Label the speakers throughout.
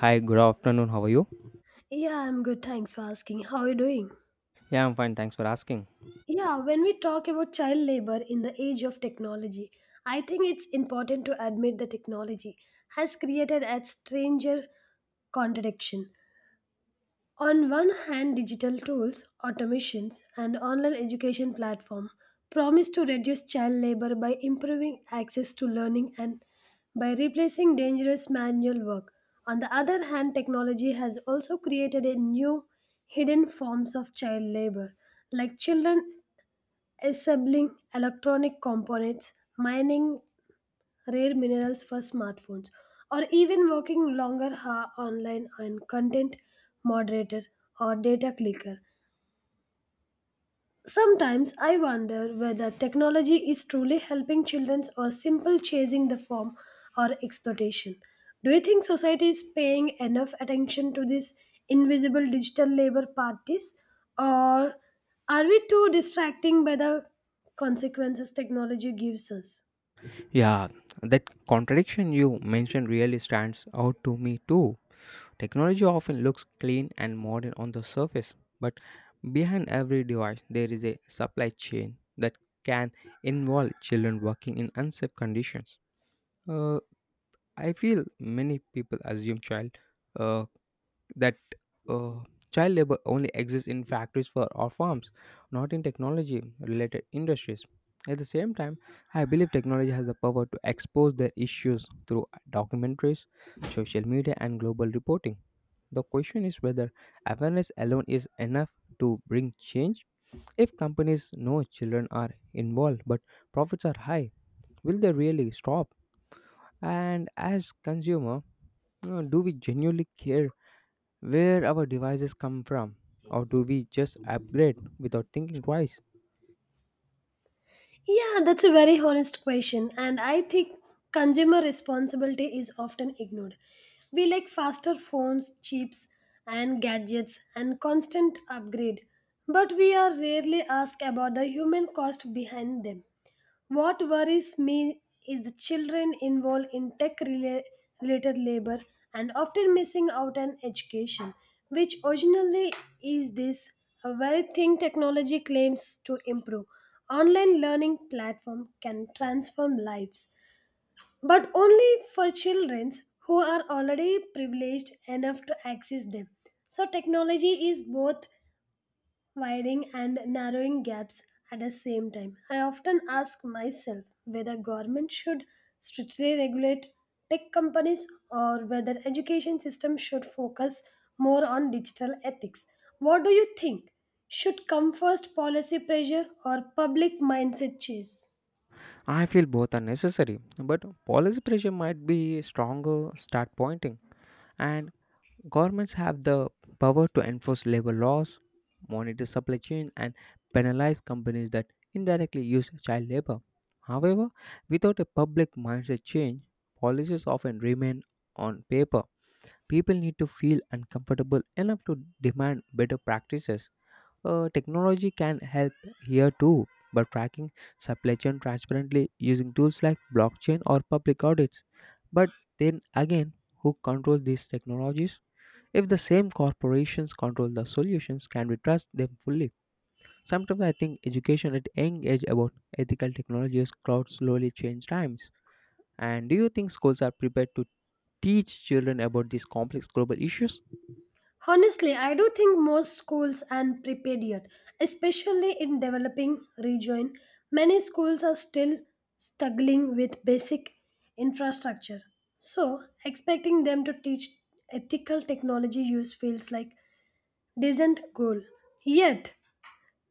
Speaker 1: Hi, good afternoon. How are you?
Speaker 2: Yeah, I'm good. Thanks for asking. How are you doing?
Speaker 1: Yeah, I'm fine. Thanks for asking.
Speaker 2: Yeah, when we talk about child labor in the age of technology, I think it's important to admit the technology has created a stranger contradiction. On one hand, digital tools, automations, and online education platform promise to reduce child labor by improving access to learning and by replacing dangerous manual work. On the other hand, technology has also created a new hidden forms of child labor, like children assembling electronic components, mining rare minerals for smartphones, or even working online on content moderator or data clicker. Sometimes I wonder whether technology is truly helping children or simple chasing the form or exploitation. Do you think society is paying enough attention to these invisible digital labor parties, or are we too distracting by the consequences technology gives us?
Speaker 1: Yeah, that contradiction you mentioned really stands out to me too. Technology often looks clean and modern on the surface, but behind every device, there is a supply chain that can involve children working in unsafe conditions. Uh, I feel many people assume uh, that uh, child labor only exists in factories for or farms, not in technology related industries. At the same time, I believe technology has the power to expose their issues through documentaries, social media, and global reporting. The question is whether awareness alone is enough to bring change. If companies know children are involved but profits are high, will they really stop? And as consumer, do we genuinely care where our devices come from, or do we just upgrade without thinking twice?
Speaker 2: Yeah, that's a very honest question, and I think consumer responsibility is often ignored. We like faster phones, chips, and gadgets, and constant upgrade, but we are rarely asked about the human cost behind them. What worries me is the children involved in related labor and often missing out on education, which originally is this a very thing technology claims to improve. Online learning platform can transform lives, but only for children who are already privileged enough to access them. So technology is both widening and narrowing gaps at the same time. I often ask myself whether government should strictly regulate tech companies or whether education system should focus more on digital ethics. What do you think? Should come first policy pressure or public mindset change?
Speaker 1: I feel both are necessary, but policy pressure might be stronger start pointing, and governments have the power to enforce labor laws, monitor supply chain, and penalize companies that indirectly use child labor. However, without a public mindset change, policies often remain on paper. People need to feel uncomfortable enough to demand better practices. Technology can help here too by tracking supply chain transparently using tools like blockchain or public audits. But then again, who controls these technologies? If the same corporations control the solutions, can we trust them fully? Sometimes I think education at young age about ethical technologies could slowly change times. And do you think schools are prepared to teach children about these complex global issues?
Speaker 2: Honestly, I do think most schools aren't prepared yet, especially in developing region. Many schools are still struggling with basic infrastructure. So, expecting them to teach ethical technology use feels like decent goal. Yet,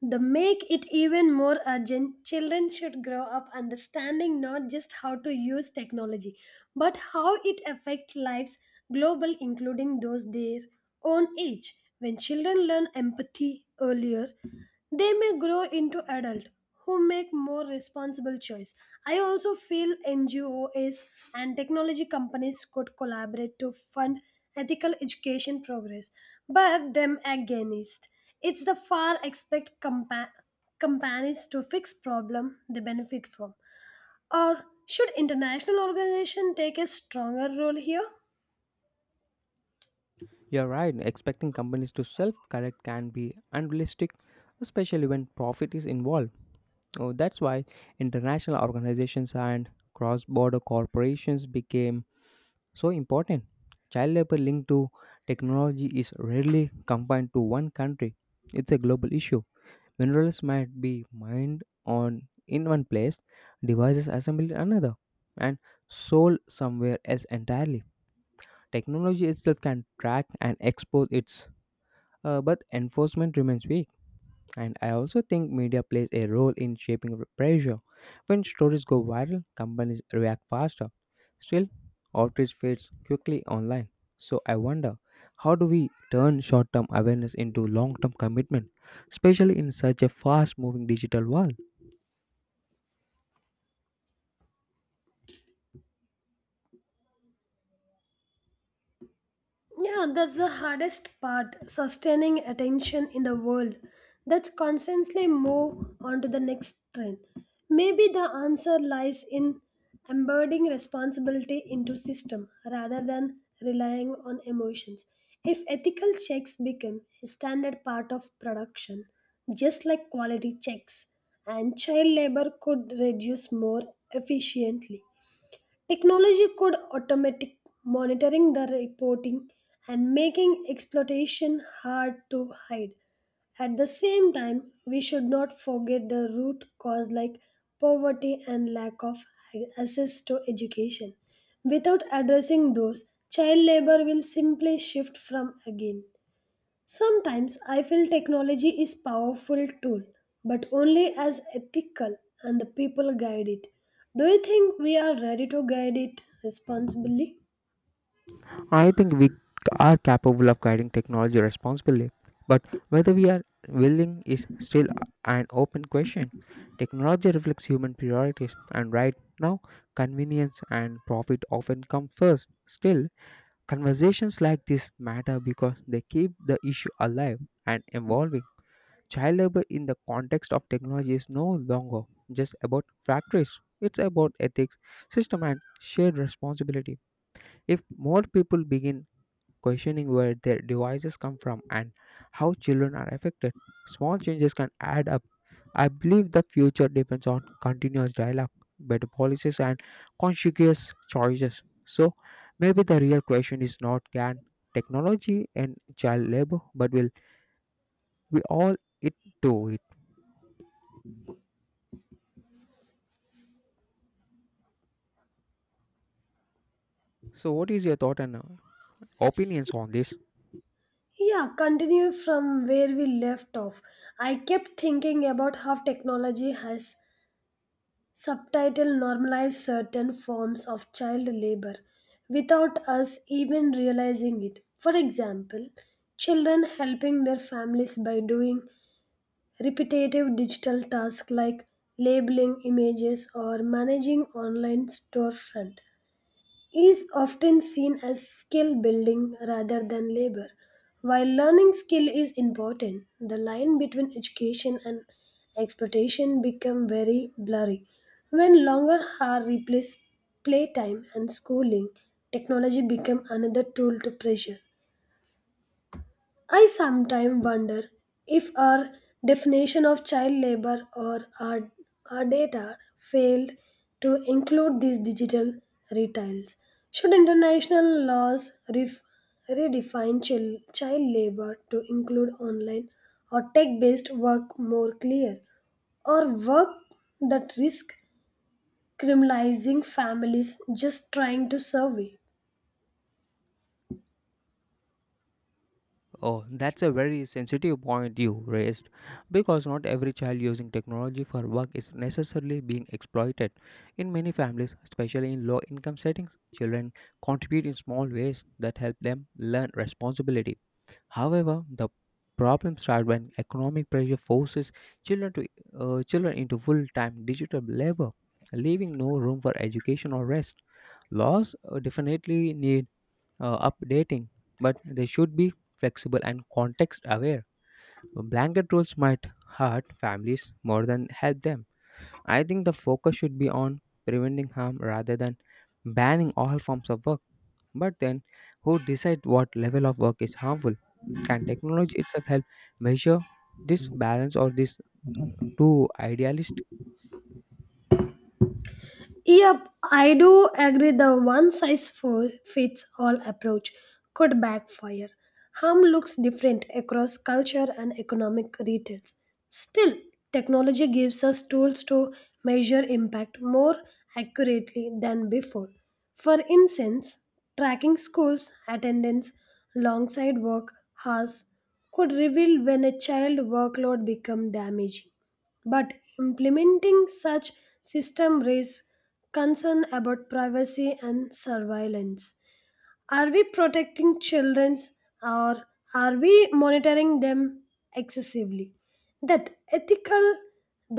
Speaker 2: the make it even more urgent, children should grow up understanding not just how to use technology, but how it affects lives global, including those their own age. When children learn empathy earlier, they may grow into adult who make more responsible choice. I also feel NGOs and technology companies could collaborate to fund ethical education progress, but them against it's the far expect companies to fix problem they benefit from, or should international organization take a stronger role here?
Speaker 1: You're right, expecting companies to self correct can be unrealistic, especially when profit is involved. Oh, that's why international organizations and cross border corporations became so important. Child labor linked to technology is rarely confined to one country, it's a global issue. Minerals might be mined on in one place, devices assembled in another, and sold somewhere else entirely. Technology itself can track and expose its, but enforcement remains weak. And I also think media plays a role in shaping pressure. When stories go viral, companies react faster. Still, outrage fades quickly online. So I wonder, how do we turn short-term awareness into long-term commitment, especially in such a fast-moving digital world?
Speaker 2: Yeah, that's the hardest part, sustaining attention in the world that's constantly move on to the next trend. Maybe the answer lies in embedding responsibility into system rather than relying on emotions. If ethical checks become a standard part of production, just like quality checks, and child labor could reduce more efficiently. Technology could automatic monitoring the reporting and making exploitation hard to hide. At the same time, we should not forget the root cause like poverty and lack of access to education. Without addressing those, child labor will simply shift from again. Sometimes I feel technology is powerful tool, but only as ethical and the people guide it. Do you think we are ready to guide it responsibly?
Speaker 1: I think we are capable of guiding technology responsibly, but whether we are willing is still an open question. Technology reflects human priorities, and right now, convenience and profit often come first. Still, conversations like this matter because they keep the issue alive and evolving. Child labor in the context of technology is no longer just about factories, it's about ethics, system, and shared responsibility. If more people begin questioning where their devices come from and how children are affected. Small changes can add up. I believe the future depends on continuous dialogue, better policies, and conscious choices. So, maybe the real question is not can technology and child labor, but will we all it do it? So, what is your thought and opinions on this?
Speaker 2: Yeah, continue from where we left off. I kept thinking about how technology has subtitle normalized certain forms of child labor without us even realizing it. For example, children helping their families by doing repetitive digital tasks like labeling images or managing online storefront is often seen as skill building rather than labor. While learning skill is important, the line between education and exploitation become very blurry. When longer hours replace playtime and schooling, technology become another tool to pressure. I sometimes wonder if our definition of child labor our data failed to include these digital retails. Should international redefine child labor to include online or tech based work more clear, or work that risk criminalizing families just trying to survive?
Speaker 1: Oh, that's a very sensitive point you raised because not every child using technology for work is necessarily being exploited. In many families, especially in low income settings, children contribute in small ways that help them learn responsibility. However, the problem starts when economic pressure forces children to children into full-time digital labor, leaving no room for education or rest. Laws definitely need updating, but they should be flexible and context aware. Blanket rules might hurt families more than help them. I think the focus should be on preventing harm rather than banning all forms of work. But then, who decide what level of work is harmful? Can technology itself help measure this balance or this too idealist?
Speaker 2: Yep, I do agree the fits all approach could backfire. Harm looks different across culture and economic retails. Still, technology gives us tools to measure impact more accurately than before. For instance, tracking schools attendance alongside work hours could reveal when a child workload become damaging. But implementing such system raises concern about privacy and surveillance. Are we protecting children's, or are we monitoring them excessively? That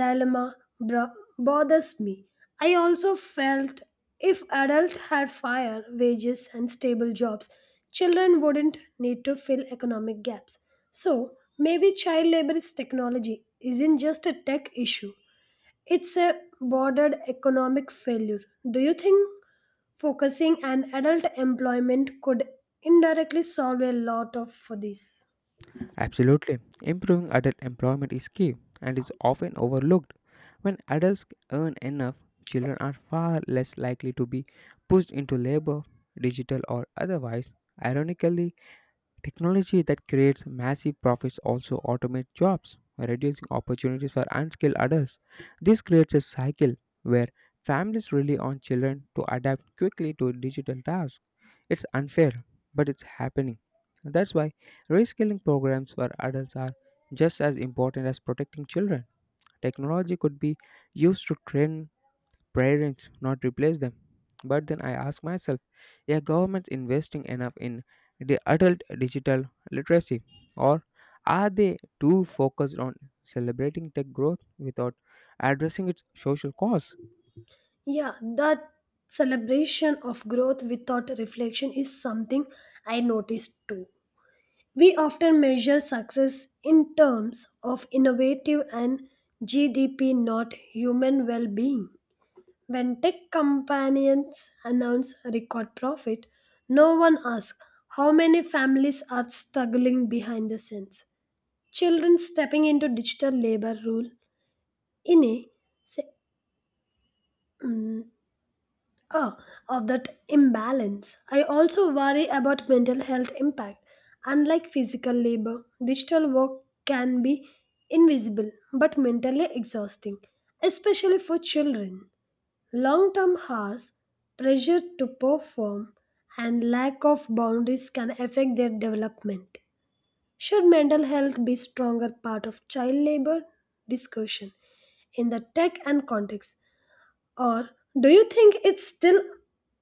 Speaker 2: dilemma bro- bothers me. I also felt if adults had fair wages and stable jobs, children wouldn't need to fill economic gaps. So maybe child labor is technology isn't just a tech issue. It's a bordered economic failure. Do you think focusing on adult employment could indirectly solve a lot of for this?
Speaker 1: Absolutely. Improving adult employment is key and is often overlooked. When adults earn enough, children are far less likely to be pushed into labor, digital or otherwise. Ironically, technology that creates massive profits also automates jobs, reducing opportunities for unskilled adults. This creates a cycle where families rely on children to adapt quickly to digital tasks. It's unfair, but it's happening. That's why reskilling programs for adults are just as important as protecting children. Technology could be used to train parents, not replace them. But then I ask myself, a government investing enough in the adult digital literacy, or are they too focused on celebrating tech growth without addressing its social cause?
Speaker 2: Yeah, that celebration of growth without reflection is something I noticed too. We often measure success in terms of innovative and GDP, not human well being. When tech companies announce record profit, no one asks how many families are struggling behind the scenes. Children stepping into digital labor rule in a say, mm, oh, of that imbalance. I also worry about mental health impact. Unlike physical labor, digital work can be invisible but mentally exhausting, especially for children. Long term hours, pressure to perform, and lack of boundaries can affect their development. Should mental health be stronger part of child labor discussion in the tech and context? Or do you think it's still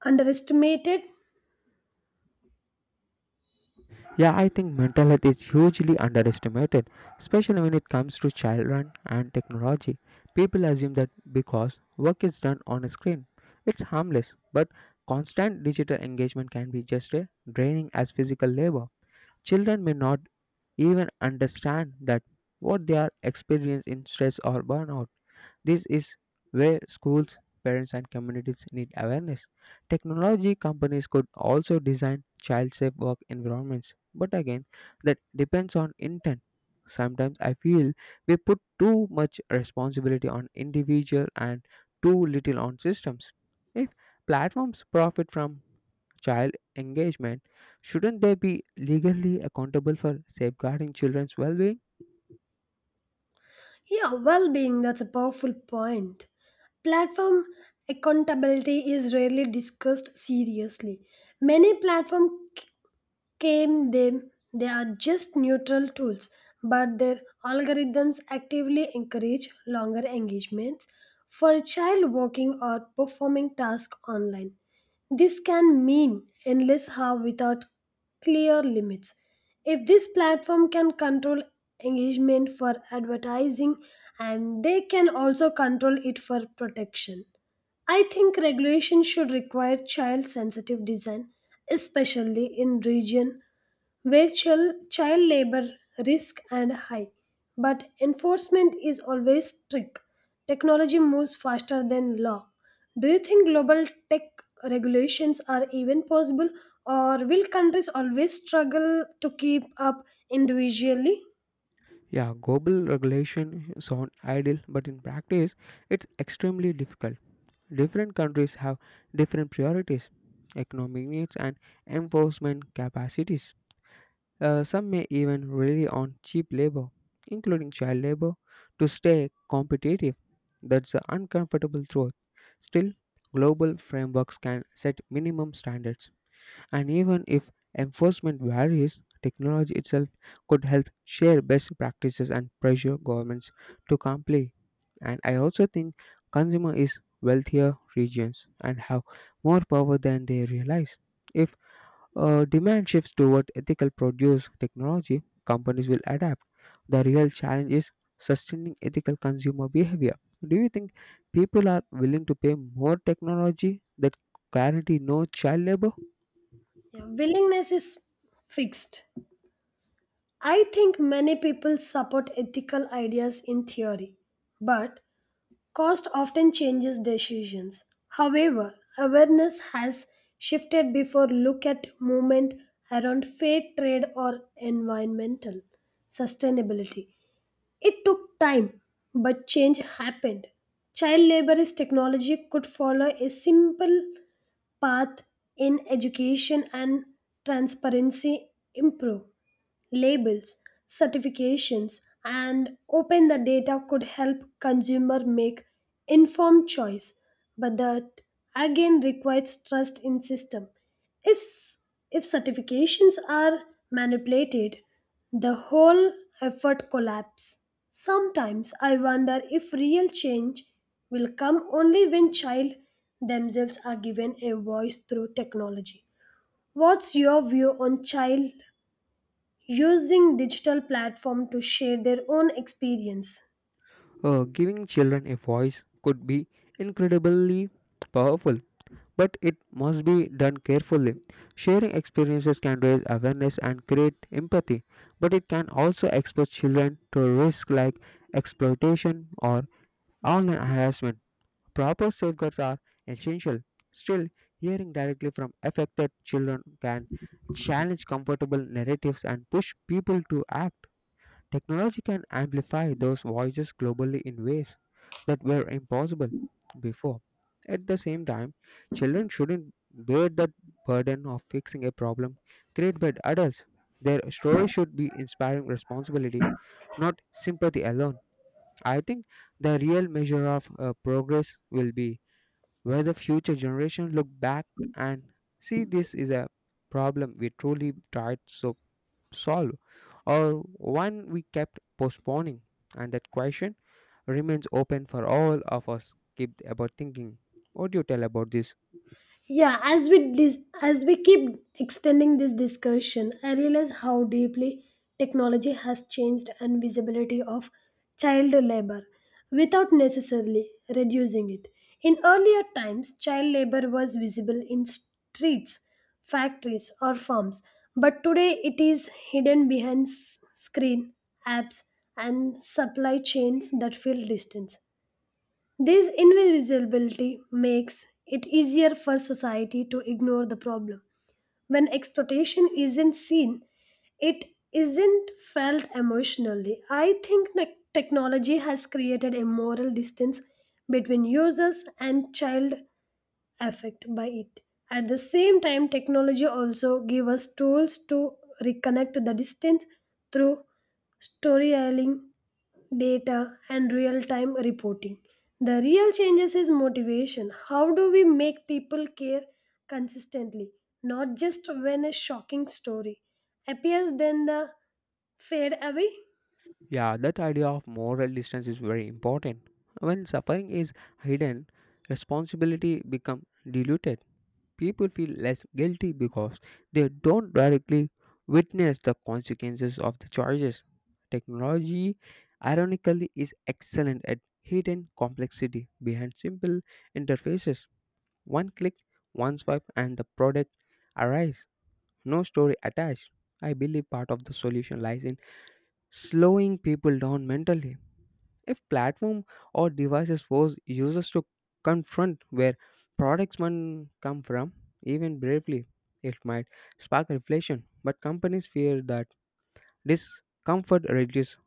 Speaker 2: underestimated?
Speaker 1: Yeah, I think mental health is hugely underestimated, especially when it comes to children and technology. People assume that because work is done on a screen, it's harmless, but constant digital engagement can be just as draining as physical labor. Children may not even understand that what they are experiencing in stress or burnout. This is where schools, parents, and communities need awareness. Technology companies could also design child safe work environments, but again, that depends on intent. Sometimes I feel we put too much responsibility on individual and too little on systems. If platforms profit from child engagement, shouldn't they be legally accountable for safeguarding children's well being?
Speaker 2: Yeah, well being, that's a powerful point. Platform accountability is rarely discussed seriously. Many platforms came them they are just neutral tools, but their algorithms actively encourage longer engagements for a child working or performing tasks online. This can mean endless harm without clear limits. If this platform can control engagement for advertising and they can also control it for protection. I think regulation should require child sensitive design, especially in region where child labor risk and high, but enforcement is always strict. Technology moves faster than law. Do you think global tech regulations are even possible, or will countries always struggle to keep up individually?
Speaker 1: Yeah, global regulation sound ideal, but in practice, it's extremely difficult. Different countries have different priorities, economic needs, and enforcement capacities. Some may even rely on cheap labor, including child labor, to stay competitive. That's the uncomfortable truth. Still, global frameworks can set minimum standards, and even if enforcement varies, technology itself could help share best practices and pressure governments to comply. And I also think consumer is wealthier regions and have more power than they realize. If demand shifts toward ethical produce technology, companies will adapt. The real challenge is sustaining ethical consumer behavior. Do you think people are willing to pay more technology that guarantee no child labor?
Speaker 2: Yeah, willingness is fixed. I think many people support ethical ideas in theory, but cost often changes decisions. However, awareness has shifted before, look at movement around fair trade or environmental sustainability. It took time, but change happened. Child labor is technology could follow a simple path in education and transparency improve labels, certifications, and open the data could help consumer make informed choice, but that again requires trust in system. If s- if certifications are manipulated, the whole effort collapse. Sometimes I wonder if real change will come only when child themselves are given a voice through technology. What's your view on child using digital platform to share their own experience?
Speaker 1: Giving children a voice could be incredibly powerful, but it must be done carefully. Sharing experiences can raise awareness and create empathy, but it can also expose children to risks like exploitation or online harassment. Proper safeguards are essential. Still, hearing directly from affected children can challenge comfortable narratives and push people to act. Technology can amplify those voices globally in ways that were impossible before. At the same time, children shouldn't bear the burden of fixing a problem created by adults. Their story should be inspiring responsibility, not sympathy alone. I think the real measure of progress will be where the future generations look back and see this is a problem we truly tried to solve, or one we kept postponing, and that question remains open for all of us keep about thinking. What do you tell about this?
Speaker 2: Yeah, as we keep extending this discussion, I realize how deeply technology has changed and visibility of child labor without necessarily reducing it. In earlier times, child labor was visible in streets, factories, or farms, but today it is hidden behind screen, apps, and supply chains that feel distance. This invisibility makes it easier for society to ignore the problem. When exploitation isn't seen, it isn't felt emotionally. I think technology has created a moral distance between users and child affect by it. At the same time, technology also gives us tools to reconnect the distance through storytelling, data, and real time reporting. The real changes is motivation. How do we make people care consistently, not just when a shocking story appears, then the fade away?
Speaker 1: Yeah, that idea of moral distance is very important. When suffering is hidden, responsibility becomes diluted. People feel less guilty because they don't directly witness the consequences of the choices. Technology, ironically, is excellent at hidden complexity behind simple interfaces. One click, one swipe, and the product arrives. No story attached. I believe part of the solution lies in slowing people down mentally. If platform or devices force users to confront where products might come from, even bravely, it might spark reflection. But companies fear that discomfort reduces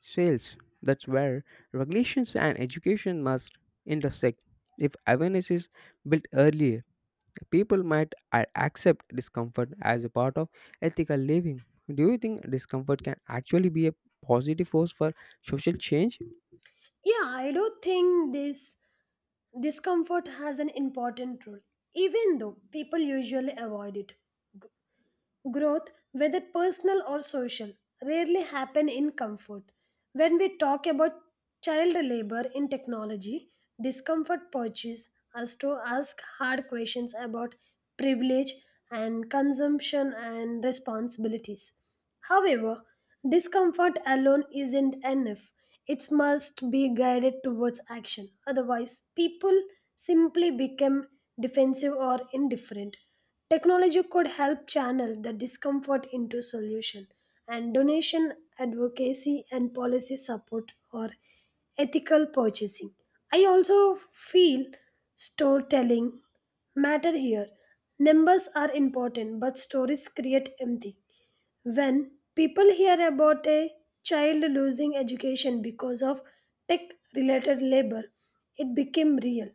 Speaker 1: sales. That's where regulations and education must intersect. If awareness is built earlier, people might accept discomfort as a part of ethical living. Do you think discomfort can actually be a positive force for social change?
Speaker 2: Yeah, I do think this discomfort has an important role, even though people usually avoid it. Growth, whether personal or social, rarely happen in comfort. When we talk about child labor in technology, discomfort purchase us to ask hard questions about privilege and consumption and responsibilities. However, discomfort alone isn't enough. It must be guided towards action. Otherwise, people simply become defensive or indifferent. Technology could help channel the discomfort into solution, and donation advocacy and policy support or ethical purchasing. I also feel storytelling matter here. Numbers are important, but stories create empathy. When people hear about a child losing education because of tech related labor, it became real.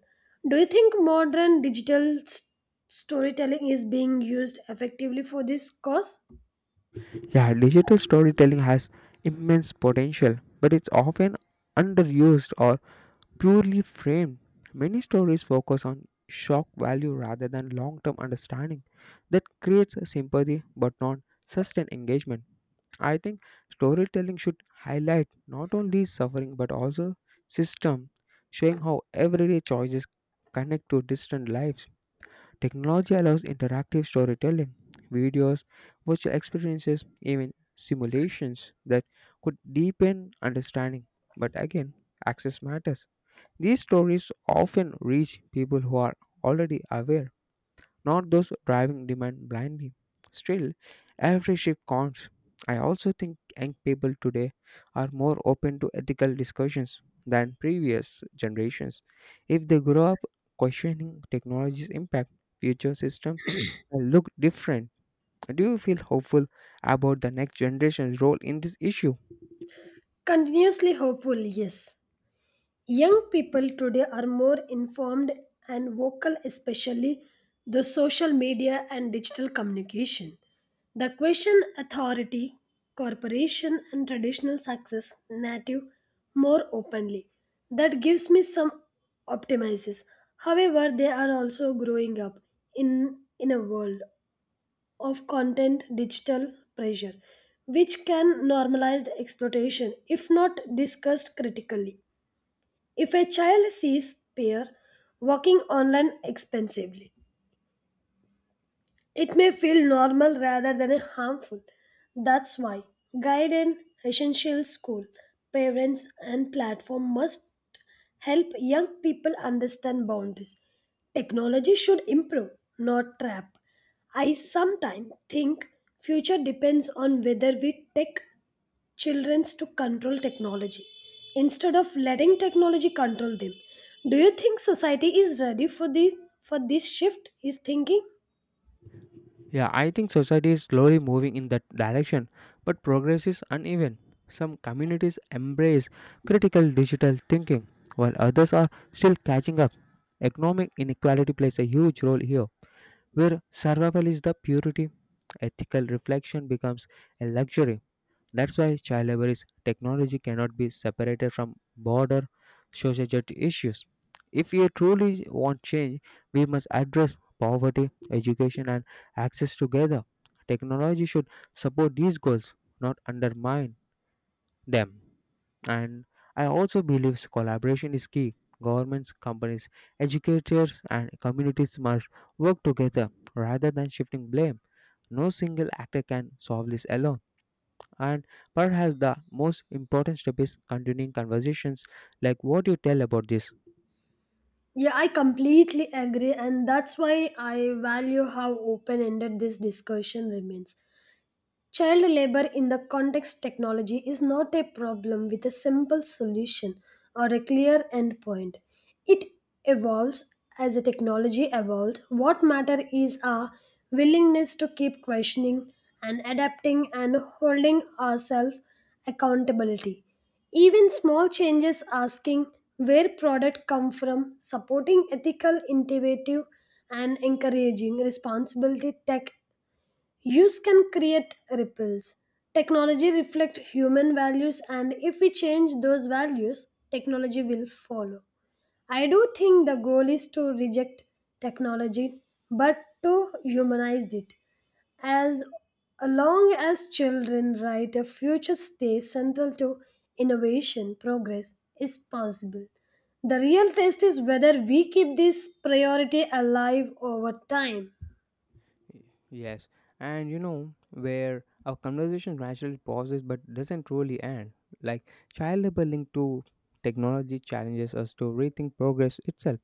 Speaker 2: Do you think modern storytelling is being used effectively for this cause?
Speaker 1: Yeah, digital storytelling has immense potential, but it's often underused or purely framed. Many stories focus on shock value rather than long term understanding that creates a sympathy but not sustained engagement. I think storytelling should highlight not only suffering but also system, showing how everyday choices connect to distant lives. Technology allows interactive storytelling, videos, virtual experiences, even simulations that could deepen understanding. But again, access matters. These stories often reach people who are already aware, not those driving demand blindly. Still, every ship counts. I also think young people today are more open to ethical discussions than previous generations. If they grow up questioning technology's impact, future systems will look different. Do you feel hopeful about the next generation's role in this issue?
Speaker 2: Continuously hopeful, yes. Young people today are more informed and vocal, especially the social media and digital communication. The question authority, corporation, and traditional success native more openly. That gives me some optimism. However, they are also growing up in a world of content digital pressure, which can normalize exploitation if not discussed critically. If a child sees peer working online expensively, it may feel normal rather than a harmful. That's why guide in essential school, parents and platform must help young people understand boundaries. Technology should improve, not trap. I sometimes think future depends on whether we take children to control technology instead of letting technology control them. Do you think society is ready for this, for this shift? Is thinking?
Speaker 1: Yeah, I think society is slowly moving in that direction, but progress is uneven. Some communities embrace critical digital thinking, while others are still catching up. Economic inequality plays a huge role here, where survival is the purity, ethical reflection becomes a luxury. That's why child labor is technology cannot be separated from broader social justice issues. If we truly want change, we must address poverty, education, and access together. Technology should support these goals, not undermine them. And I also believe collaboration is key. Governments, companies, educators, and communities must work together rather than shifting blame. No single actor can solve this alone. And perhaps the most important step is continuing conversations like what you tell about this.
Speaker 2: Yeah, I completely agree, and that's why I value how open ended this discussion remains. Child labor in the context technology is not a problem with a simple solution or a clear endpoint. It evolves as the technology evolved. What matter is our willingness to keep questioning and adapting and holding ourselves accountability. Even small changes asking where product come from, supporting ethical, innovative and encouraging responsibility tech use can create ripples. Technology reflects human values, and if we change those values, technology will follow. I do think the goal is to reject technology but to humanize it. As long as children right, a future stays central to innovation, progress is possible. The real test is whether we keep this priority alive over time.
Speaker 1: Yes, and you know where our conversation naturally pauses but doesn't really end. Like child labor linked to technology challenges us to rethink progress itself,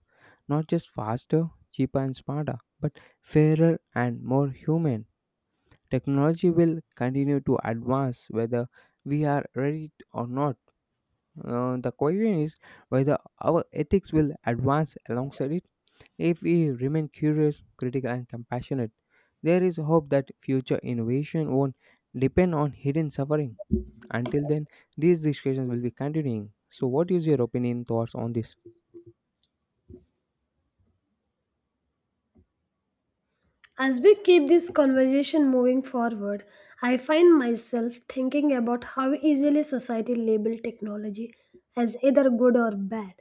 Speaker 1: not just faster, cheaper, and smarter, but fairer and more human. Technology will continue to advance whether we are ready or not. The question is whether our ethics will advance alongside it if we remain curious, critical, and compassionate. There is hope that future innovation won't depend on hidden suffering. Until then, these discussions will be continuing. So, what is your opinion, thoughts on this?
Speaker 2: As we keep this conversation moving forward, I find myself thinking about how easily society labels technology as either good or bad,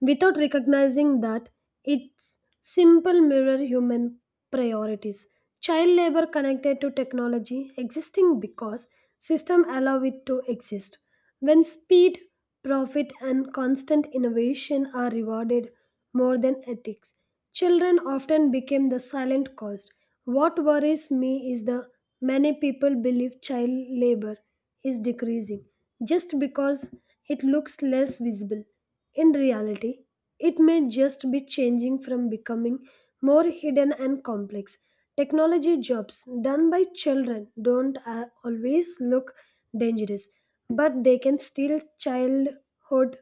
Speaker 2: without recognizing that its simple mirror human priorities. Child labor connected to technology existing because system allow it to exist. When speed, profit, and constant innovation are rewarded more than ethics, children often became the silent cause. What worries me is the many people believe child labor is decreasing just because it looks less visible. In reality, it may just be changing from becoming more hidden and complex. Technology jobs done by children don't always look dangerous, but they can steal childhood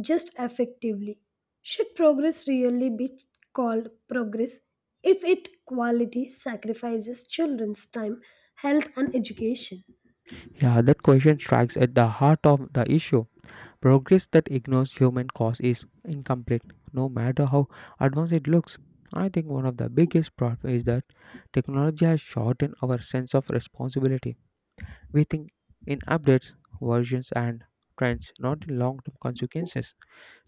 Speaker 2: just effectively. Should progress really be called progress if it quality sacrifices children's time, health, and education?
Speaker 1: Yeah, that question strikes at the heart of the issue. Progress that ignores human cause is incomplete, no matter how advanced it looks. I think one of the biggest problems is that technology has shortened our sense of responsibility. We think in updates, versions, and trends, not in long term consequences.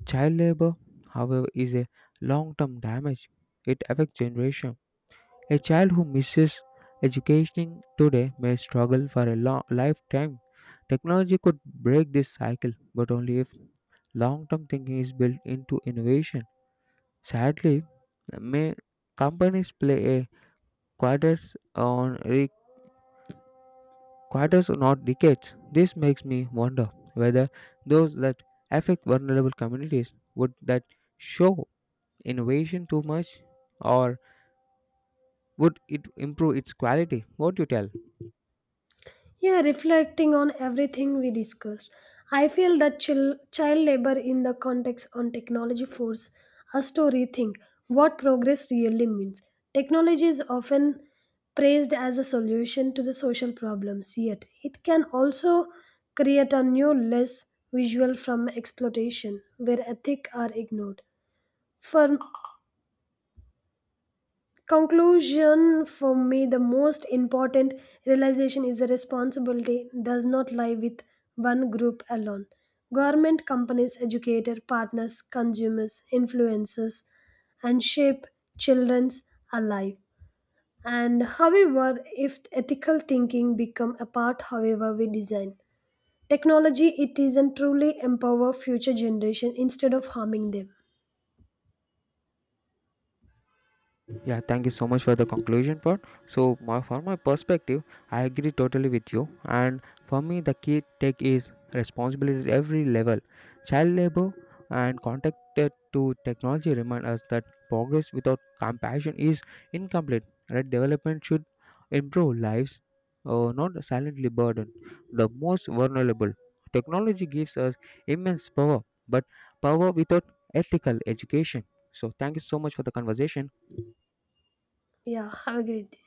Speaker 1: Child labor, however, is a long term damage. It affects generation. A child who misses education today may struggle for a long lifetime. Technology could break this cycle, but only if long term thinking is built into innovation. Sadly, may companies play a quadrant on re quarters, not decades. This makes me wonder whether those that affect vulnerable communities would that show innovation too much, or would it improve its quality? What do you tell?
Speaker 2: Yeah, reflecting on everything we discussed, I feel that child labor in the context on technology force us to rethink what progress really means. Technology is often praised as a solution to the social problems, yet it can also create a new less visual from exploitation where ethics are ignored. For conclusion, for me the most important realization is the responsibility does not lie with one group alone. Government, companies, educators, partners, consumers, influencers, and shape children's alive. And however, if ethical thinking become a part, however we design technology, it is isn't truly empower future generation instead of harming them.
Speaker 1: Yeah, thank you so much for the conclusion part. So, my, from my perspective, I agree totally with you. And for me, the key take is responsibility at every level. Child labor and contacted to technology remind us that progress without compassion is incomplete. Right? Development should improve lives, not silently burden the most vulnerable. Technology gives us immense power, but power without ethical education. So, thank you so much for the conversation.
Speaker 2: Yeah, have a great day.